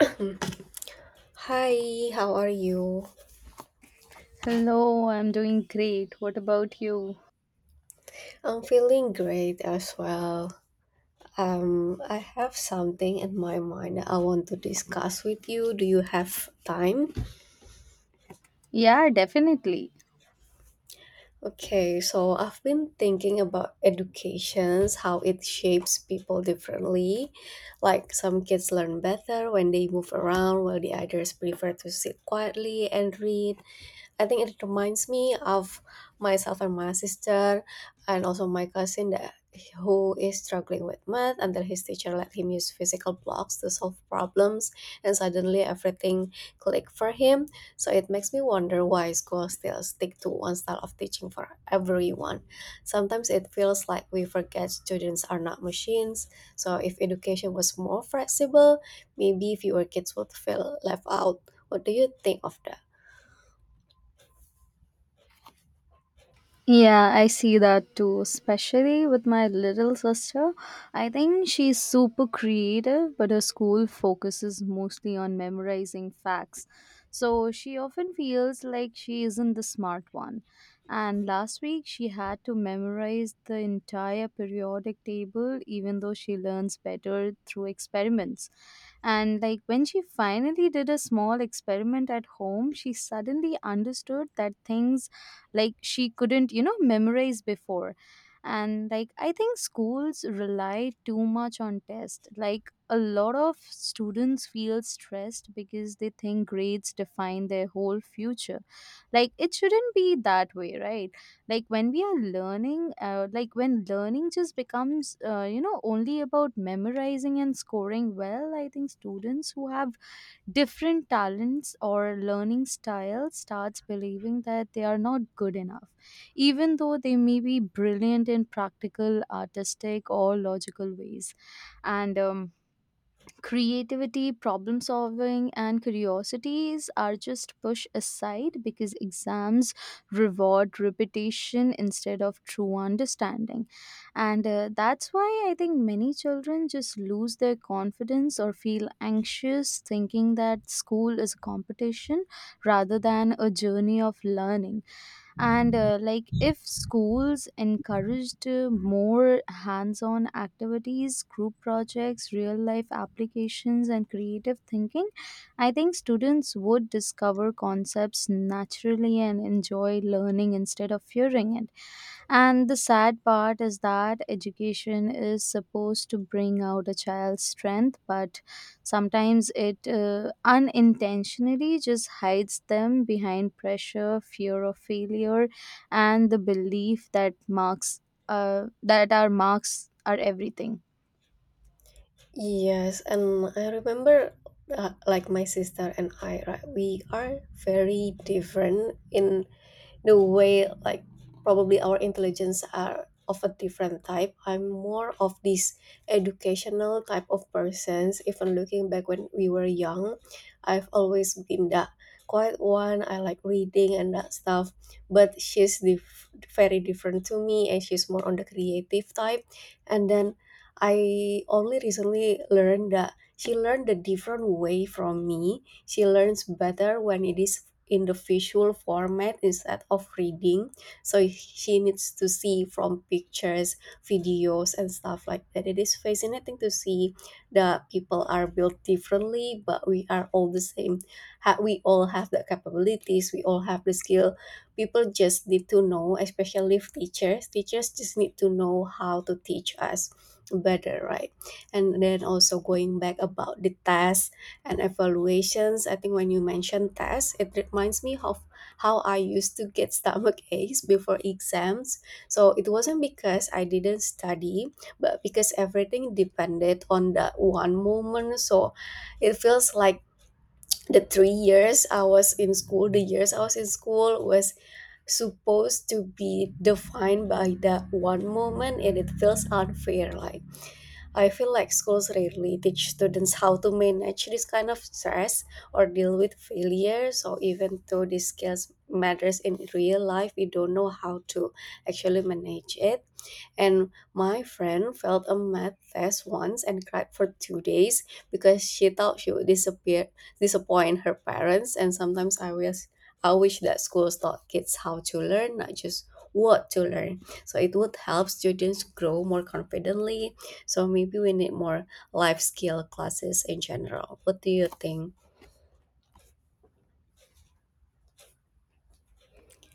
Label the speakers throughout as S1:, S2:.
S1: Mm. Hi, how are you?
S2: Hello, I'm doing great. What about you?
S1: I'm feeling great as well. I have something in my mind I want to discuss with you. Do you have time?
S2: Yeah, definitely.
S1: Okay, so I've been thinking about educations, how it shapes people differently. Like some kids learn better when they move around, while the others prefer to sit quietly and read. I think it reminds me of myself and my sister, and also my cousin that who is struggling with math until his teacher let him use physical blocks to solve problems, and suddenly everything clicked for him. So it makes me wonder why schools still stick to one style of teaching for everyone. Sometimes it feels like we forget students are not machines. So if education was more flexible, maybe fewer kids would feel left out. What do you think of that?
S2: Yeah, I see that too, especially with my little sister. I think she's super creative, but her school focuses mostly on memorizing facts. So she often feels like she isn't the smart one. And last week, she had to memorize the entire periodic table, even though she learns better through experiments. And like when she finally did a small experiment at home, she suddenly understood that things like she couldn't memorize before. And like I think schools rely too much on tests. Like a lot of students feel stressed because they think grades define their whole future. Like it shouldn't be that way, right? Like when we are learning like when learning just becomes only about memorizing and scoring well, I think students who have different talents or learning style starts believing that they are not good enough, even though they may be brilliant in practical, artistic, or logical ways. And Creativity, problem solving, and curiosities are just pushed aside because exams reward repetition instead of true understanding. And that's why I think many children just lose their confidence or feel anxious, thinking that school is a competition rather than a journey of learning. And like if schools encouraged more hands-on activities, group projects, real life applications, and creative thinking, I think students would discover concepts naturally and enjoy learning instead of fearing it. And the sad part is that education is supposed to bring out a child's strength, but sometimes it unintentionally just hides them behind pressure, fear of failure, and the belief that marks that our marks are everything.
S1: Yes, and I remember like my sister and I, right? We are very different in the way, like probably our intelligence are of a different type. I'm more of this educational type of persons. Even looking back when we were young, I've always been that quiet one. I like reading and that stuff, but very different to me, and she's more on the creative type. And then I only recently learned that she learned a different way from me. She learns better when it is in the visual format instead of reading, so she needs to see from pictures, videos and stuff like that. It is fascinating to see that people are built differently, but we are all the same. We all have the capabilities, we all have the skill. People just need to know, especially if teachers just need to know how to teach us better, right? And then also going back about the task and evaluations. I think when you mentioned tests, it reminds me of how I used to get stomach aches before exams. So it wasn't because I didn't study, but because everything depended on that one moment. So it feels like the years I was in school was supposed to be defined by that one moment, and it feels unfair. Like I feel like schools rarely teach students how to manage this kind of stress or deal with failure. So even though these skills matters in real life, we don't know how to actually manage it. And my friend failed a math test once and cried for 2 days because she thought she would disappear disappoint her parents. And sometimes I wish that schools taught kids how to learn, not just what to learn. So it would help students grow more confidently, so maybe we need more life skill classes in general. What do you think?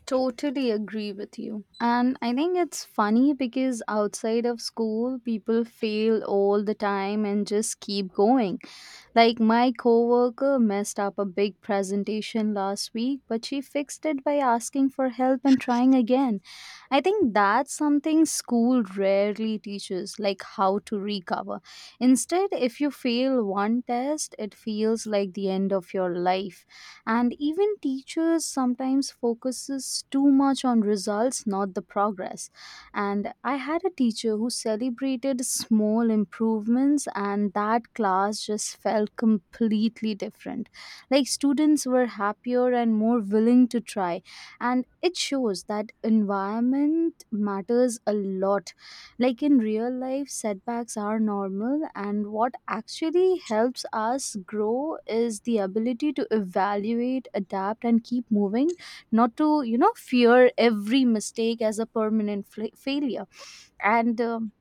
S2: Totally agree with you. And I think it's funny because outside of school, people fail all the time and just keep going. Like my coworker messed up a big presentation last week, but she fixed it by asking for help and trying again. I think that's something school rarely teaches, like how to recover. Instead, if you fail one test, it feels like the end of your life. And even teachers sometimes focuses too much on results, not the progress. And I had a teacher who celebrated small improvements, and that class just felt completely different. Like students were happier and more willing to try, and it shows that environment matters a lot. Like in real life, setbacks are normal, and what actually helps us grow is the ability to evaluate, adapt, and keep moving, not to, you know, fear every mistake as a permanent fla failure. And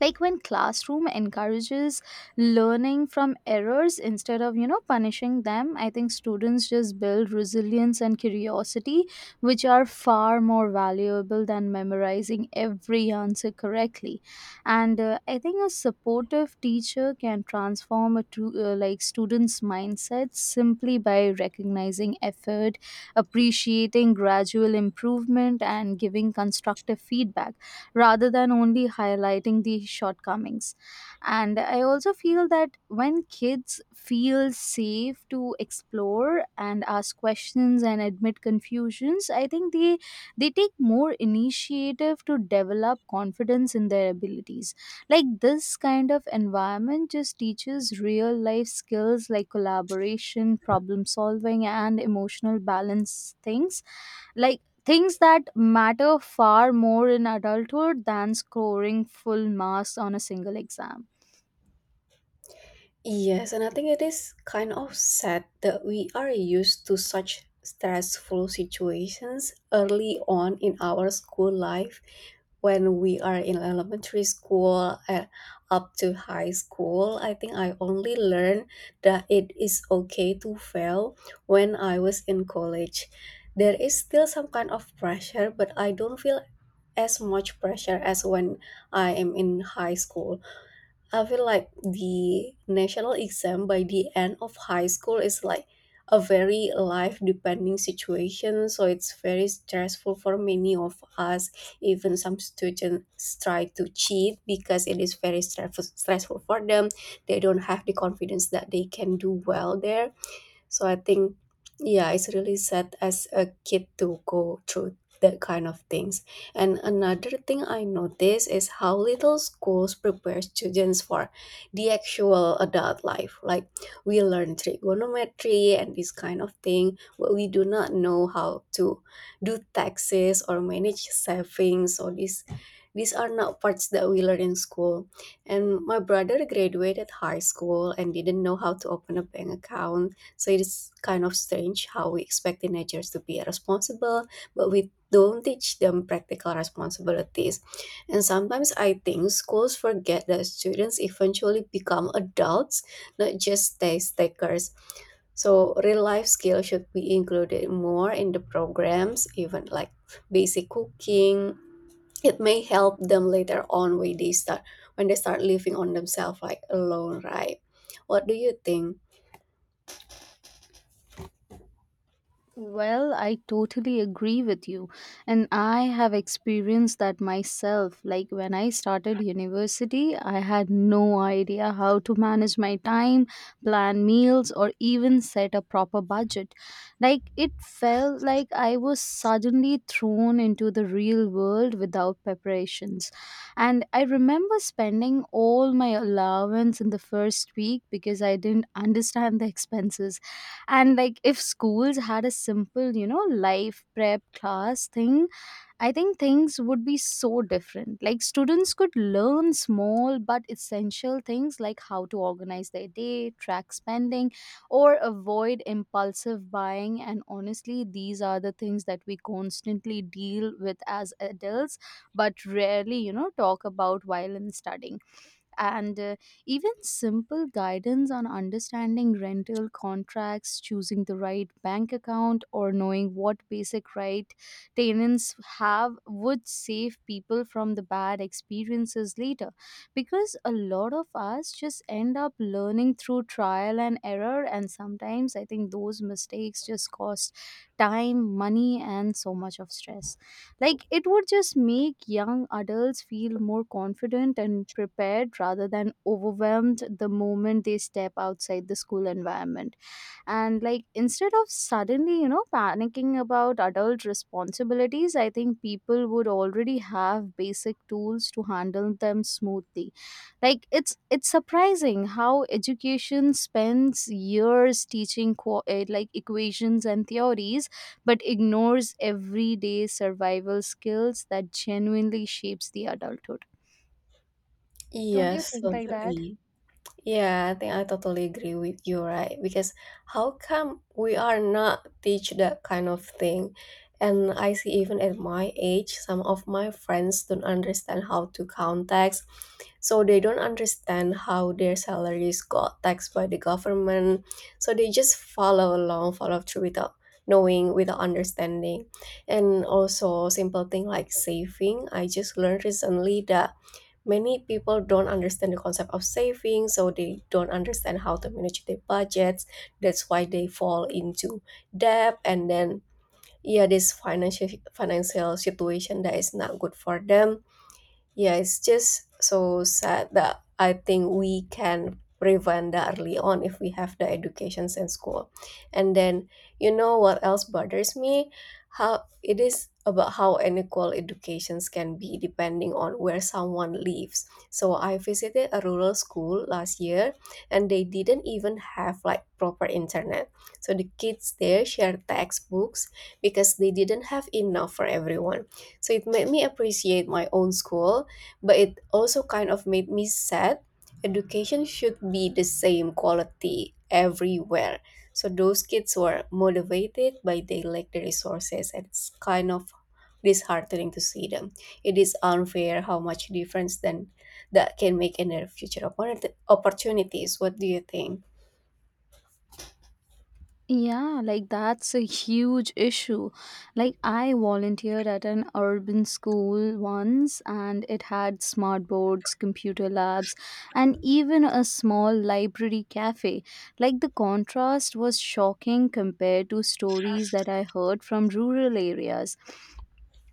S2: Like when classroom encourages learning from errors instead of punishing them, I think students just build resilience and curiosity, which are far more valuable than memorizing every answer correctly. And I think a supportive teacher can transform a like students mindset simply by recognizing effort, appreciating gradual improvement, and giving constructive feedback rather than only highlighting the shortcomings. And I also feel that when kids feel safe to explore and ask questions and admit confusions, I think they take more initiative to develop confidence in their abilities. Like this kind of environment just teaches real life skills like collaboration, problem solving, and emotional balance, things that matter far more in adulthood than scoring full marks on a single exam.
S1: Yes, and I think it is kind of sad that we are used to such stressful situations early on in our school life, when we are in elementary school and up to high school. I think I only learned that it is okay to fail when I was in college. There is still some kind of pressure, but I don't feel as much pressure as when I am in high school. I feel like the national exam by the end of high school is like a very life depending situation. So it's very stressful for many of us. Even some students try to cheat because it is very stressful for them. They don't have the confidence that they can do well there. So I think, yeah, it's really sad as a kid to go through that kind of things. And another thing I notice is how little schools prepare students for the actual adult life. Like we learn trigonometry and this kind of thing, but we do not know how to do taxes or manage savings or these are not parts that we learn in school. And my brother graduated high school and didn't know how to open a bank account, so it is kind of strange how we expect teenagers to be responsible, but we don't teach them practical responsibilities. And sometimes I think schools forget that students eventually become adults, not just test takers. So real life skills should be included more in the programs, even like basic cooking. It may help them later on when they start living on themselves, like alone, right? What do you think?
S2: Well, I totally agree with you. And I have experienced that myself. Like when I started university, I had no idea how to manage my time, plan meals, or even set a proper budget. Like it felt like I was suddenly thrown into the real world without preparations. And I remember spending all my allowance in the first week because I didn't understand the expenses. And like if schools had a simple, life prep class thing, I think things would be so different. Like students could learn small but essential things, like how to organize their day, track spending, or avoid impulsive buying. And honestly, these are the things that we constantly deal with as adults but rarely, talk about while in studying. And even simple guidance on understanding rental contracts, choosing the right bank account, or knowing what basic right tenants have would save people from the bad experiences later. Because a lot of us just end up learning through trial and error, and sometimes I think those mistakes just cost time, money, and so much of stress. Like it would just make young adults feel more confident and prepared rather than overwhelmed the moment they step outside the school environment. And like instead of suddenly, panicking about adult responsibilities, I think people would already have basic tools to handle them smoothly. Like it's surprising how education spends years teaching like equations and theories but ignores everyday survival skills that genuinely shapes the adulthood.
S1: Yes, totally. Yeah, I think I totally agree with you, right? Because how come we are not teach that kind of thing? And I see even at my age, some of my friends don't understand how to count tax. So they don't understand how their salaries got taxed by the government. So they just follow along, follow through without knowing, without understanding. And also simple thing like saving. I just learned recently that many people don't understand the concept of saving, so they don't understand how to manage their budgets. That's why they fall into debt, and then yeah, this financial situation that is not good for them. Yeah, it's just so sad that I think we can prevent that early on if we have the educations in school. And then, you know what else bothers me? How it is about how unequal educations can be depending on where someone lives. So I visited a rural school last year, and they didn't even have like proper internet. So the kids there shared textbooks because they didn't have enough for everyone. So it made me appreciate my own school, but it also kind of made me sad. Education should be the same quality everywhere. So those kids were motivated, but they lack the resources, and it's kind of disheartening to see them. It is unfair how much difference then that can make in their future opportunities. What do you think?
S2: Yeah, like that's a huge issue. Like, I volunteered at an urban school once, and it had smart boards, computer labs, and even a small library cafe. Like, the contrast was shocking compared to stories that I heard from rural areas.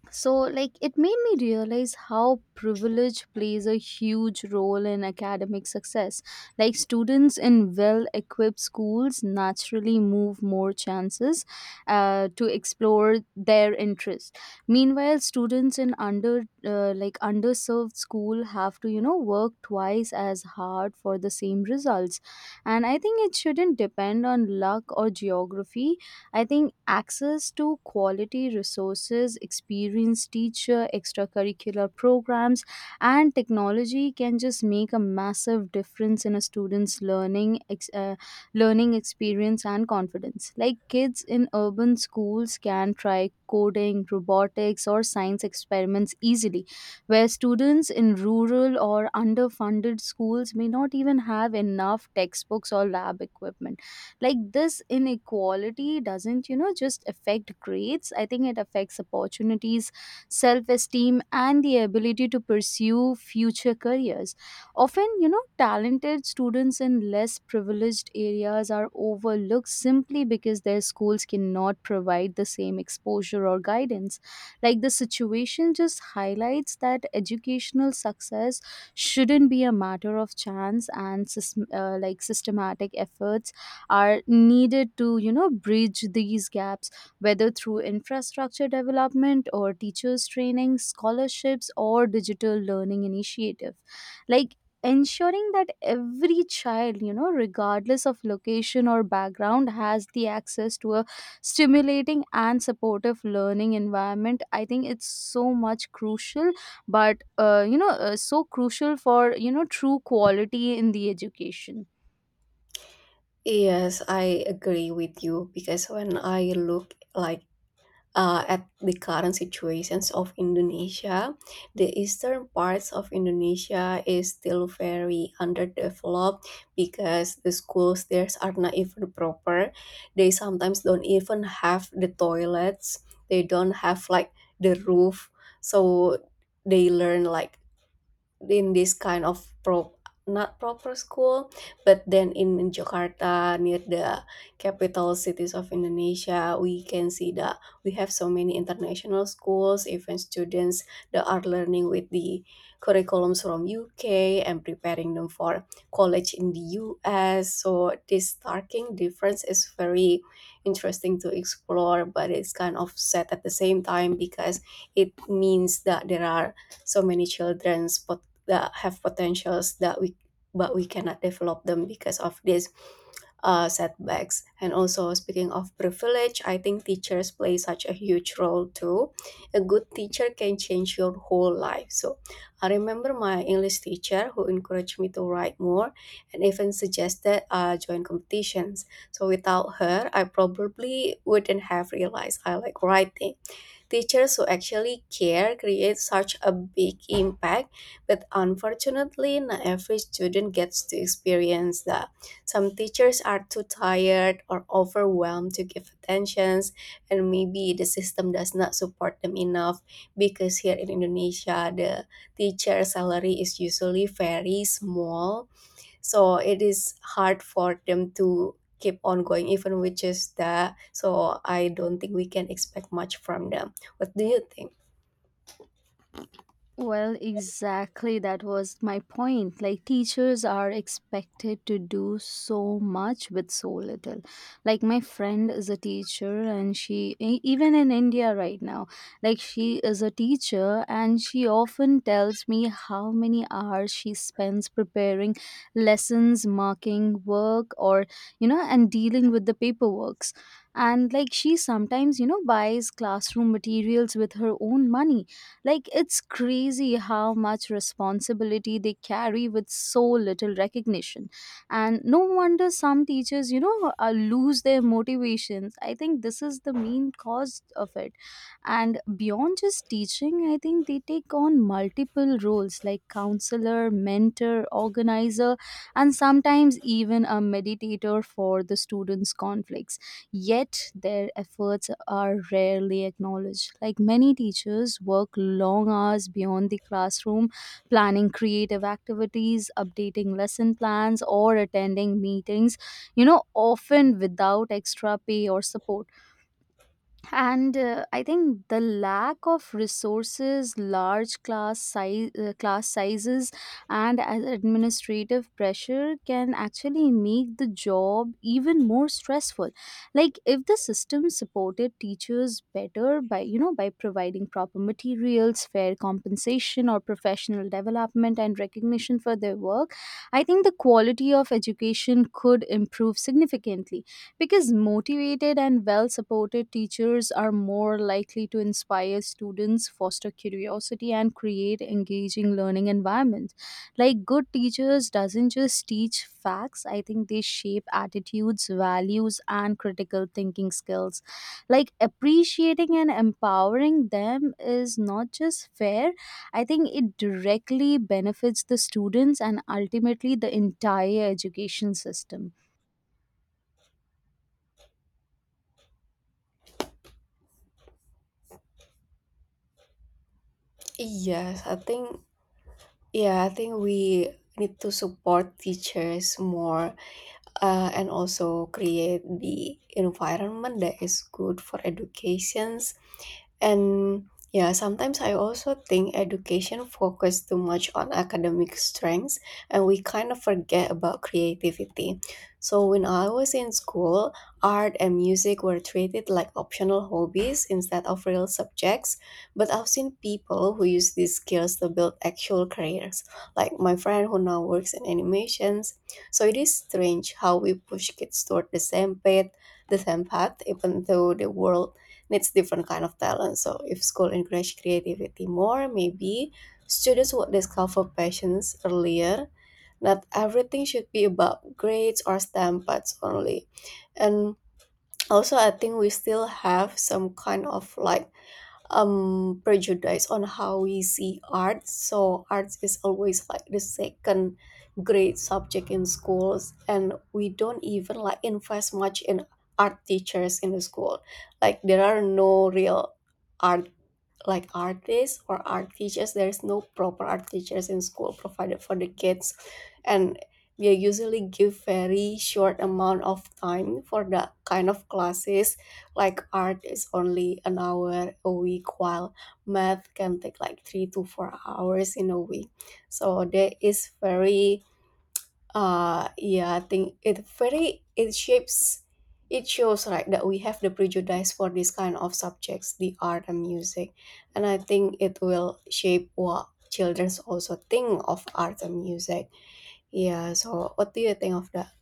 S2: So, like, it made me realize how privilege plays a huge role in academic success. Like, students in well equipped schools naturally move more chances to explore their interests. Meanwhile, students in under like underserved school have to, work twice as hard for the same results. And I think it shouldn't depend on luck or geography. I think access to quality resources, experienced teacher, extracurricular programs, and technology can just make a massive difference in a student's learning experience and confidence. Like kids in urban schools can try coding, robotics, or science experiments easily, where students in rural or underfunded schools may not even have enough textbooks or lab equipment. Like this inequality doesn't, just affect grades. I think it affects opportunities, self esteem, and the ability to pursue future careers. Often, talented students in less privileged areas are overlooked simply because their schools cannot provide the same exposure or guidance. Like the situation just highlights that educational success shouldn't be a matter of chance, and like systematic efforts are needed to, bridge these gaps, whether through infrastructure development or teachers training, scholarships, or digital learning initiative. Like ensuring that every child, regardless of location or background, has the access to a stimulating and supportive learning environment, I think it's so much crucial. But so crucial for true quality in the education.
S1: Yes, I agree with you because when I look like at the current situations of Indonesia, the eastern parts of Indonesia is still very underdeveloped because the schools there are not even proper. They sometimes don't even have the toilets. They don't have like the roof. So they learn like in this kind of pro not proper school, but then in Jakarta, near the capital cities of Indonesia, we can see that we have so many international schools, even students that are learning with the curriculums from UK and preparing them for college in the US. So this starking difference is very interesting to explore, but it's kind of sad at the same time because it means that there are so many children's that have potentials that we cannot develop them because of these setbacks. And also speaking of privilege, I think teachers play such a huge role too. A good teacher can change your whole life. So I remember my English teacher who encouraged me to write more and even suggested join competitions, so without her I probably wouldn't have realized I like writing. Teachers who actually care create such a big impact, but unfortunately, not every student gets to experience that. Some teachers are too tired or overwhelmed to give attentions, and maybe the system does not support them enough because here in Indonesia, the teacher salary is usually very small, so it is hard for them to keep on going even which is that. So I don't think we can expect much from them. What do you think?
S2: Well, exactly. That was my point. Like, teachers are expected to do so much with so little. Like, my friend is a teacher, and even in India right now, like, she is a teacher, and she often tells me how many hours she spends preparing lessons, marking work, or, you know, and dealing with the paperworks. And, like, she sometimes, buys classroom materials with her own money. Like, it's crazy how much responsibility they carry with so little recognition. And no wonder some teachers, lose their motivations. I think this is the main cause of it. And beyond just teaching, I think they take on multiple roles like counselor, mentor, organizer, and sometimes even a meditator for the students' conflicts, yet their efforts are rarely acknowledged. Like many teachers work long hours beyond the classroom, planning creative activities, updating lesson plans, or attending meetings, you know, often without extra pay or support. And I think the lack of resources, large class size class sizes, and administrative pressure can actually make the job even more stressful. Like if the system supported teachers better by, by providing proper materials, fair compensation, or professional development and recognition for their work, I think the quality of education could improve significantly, because motivated and well supported teachers are more likely to inspire students, foster curiosity, and create engaging learning environments. Like good teachers doesn't just teach facts, I think they shape attitudes, values, and critical thinking skills. Like appreciating and empowering them is not just fair, I think it directly benefits the students and ultimately the entire education system.
S1: Yes, I think, yeah, I think we need to support teachers more, and also create the environment that is good for education. And yeah, sometimes I also think education focuses too much on academic strengths and we kind of forget about creativity. So when I was in school, art and music were treated like optional hobbies instead of real subjects. But I've seen people who use these skills to build actual careers, like my friend who now works in animations. So it is strange how we push kids toward the same path, even though the world needs different kind of talent. So if school encourage creativity more, maybe students would discover passions earlier. Not everything should be about grades or STEM paths only. And also I think we still have some kind of like prejudice on how we see art. So arts is always like the second grade subject in schools, and we don't even like invest much in art teachers in the school. Like there are no real art, like artists or art teachers. There is no proper art teachers in school provided for the kids, and they usually give very short amount of time for that kind of classes. Like art is only an hour a week, while math can take like 3 to 4 hours in a week. So there is very yeah, I think it shapes, it shows like that we have the prejudice for this kind of subjects, the art and music, and I think it will shape what childrens also think of art and music. Yeah, so what do you think of that?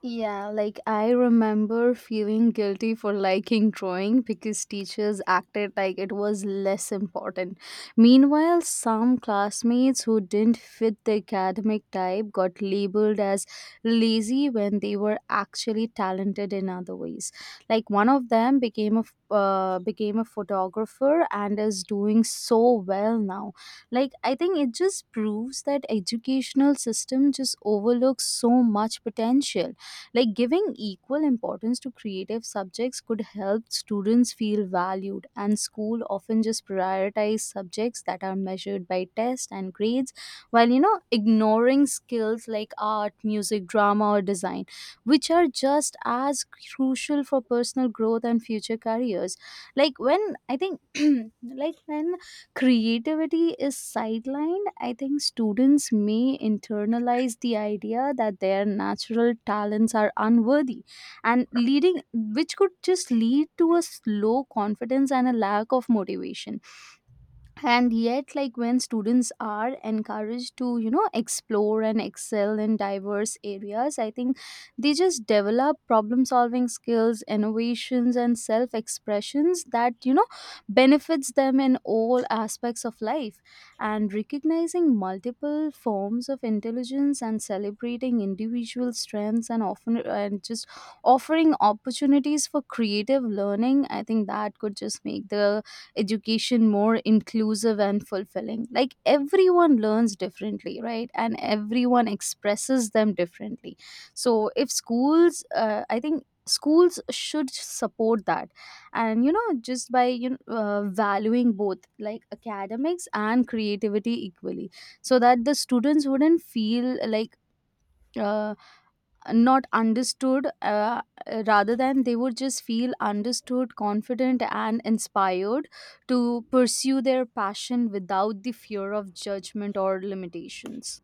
S2: Yeah, like I remember feeling guilty for liking drawing because teachers acted like it was less important. Meanwhile, some classmates who didn't fit the academic type got labeled as lazy when they were actually talented in other ways. Like one of them became became a photographer and is doing so well now. Like I think it just proves that educational system just overlooks so much potential. Like giving equal importance to creative subjects could help students feel valued, and school often just prioritize subjects that are measured by tests and grades, while, ignoring skills like art, music, drama, or design, which are just as crucial for personal growth and future careers. Like when I think, like when creativity is sidelined, I think students may internalize the idea that their natural talents are unworthy and leading, which could just lead to a slow confidence and a lack of motivation. And yet like when students are encouraged to, explore and excel in diverse areas, I think they just develop problem solving skills, innovations, and self expressions that, benefits them in all aspects of life. And recognizing multiple forms of intelligence and celebrating individual strengths, and often, and just offering opportunities for creative learning, I think that could just make the education more inclusive and fulfilling. Like everyone learns differently, right, and everyone expresses them differently. So if schools, I think schools should support that and, you know just by you know, valuing both like academics and creativity equally, so that the students wouldn't feel like uh, not understood, rather than they would just feel understood, confident, and inspired to pursue their passion without the fear of judgment or limitations.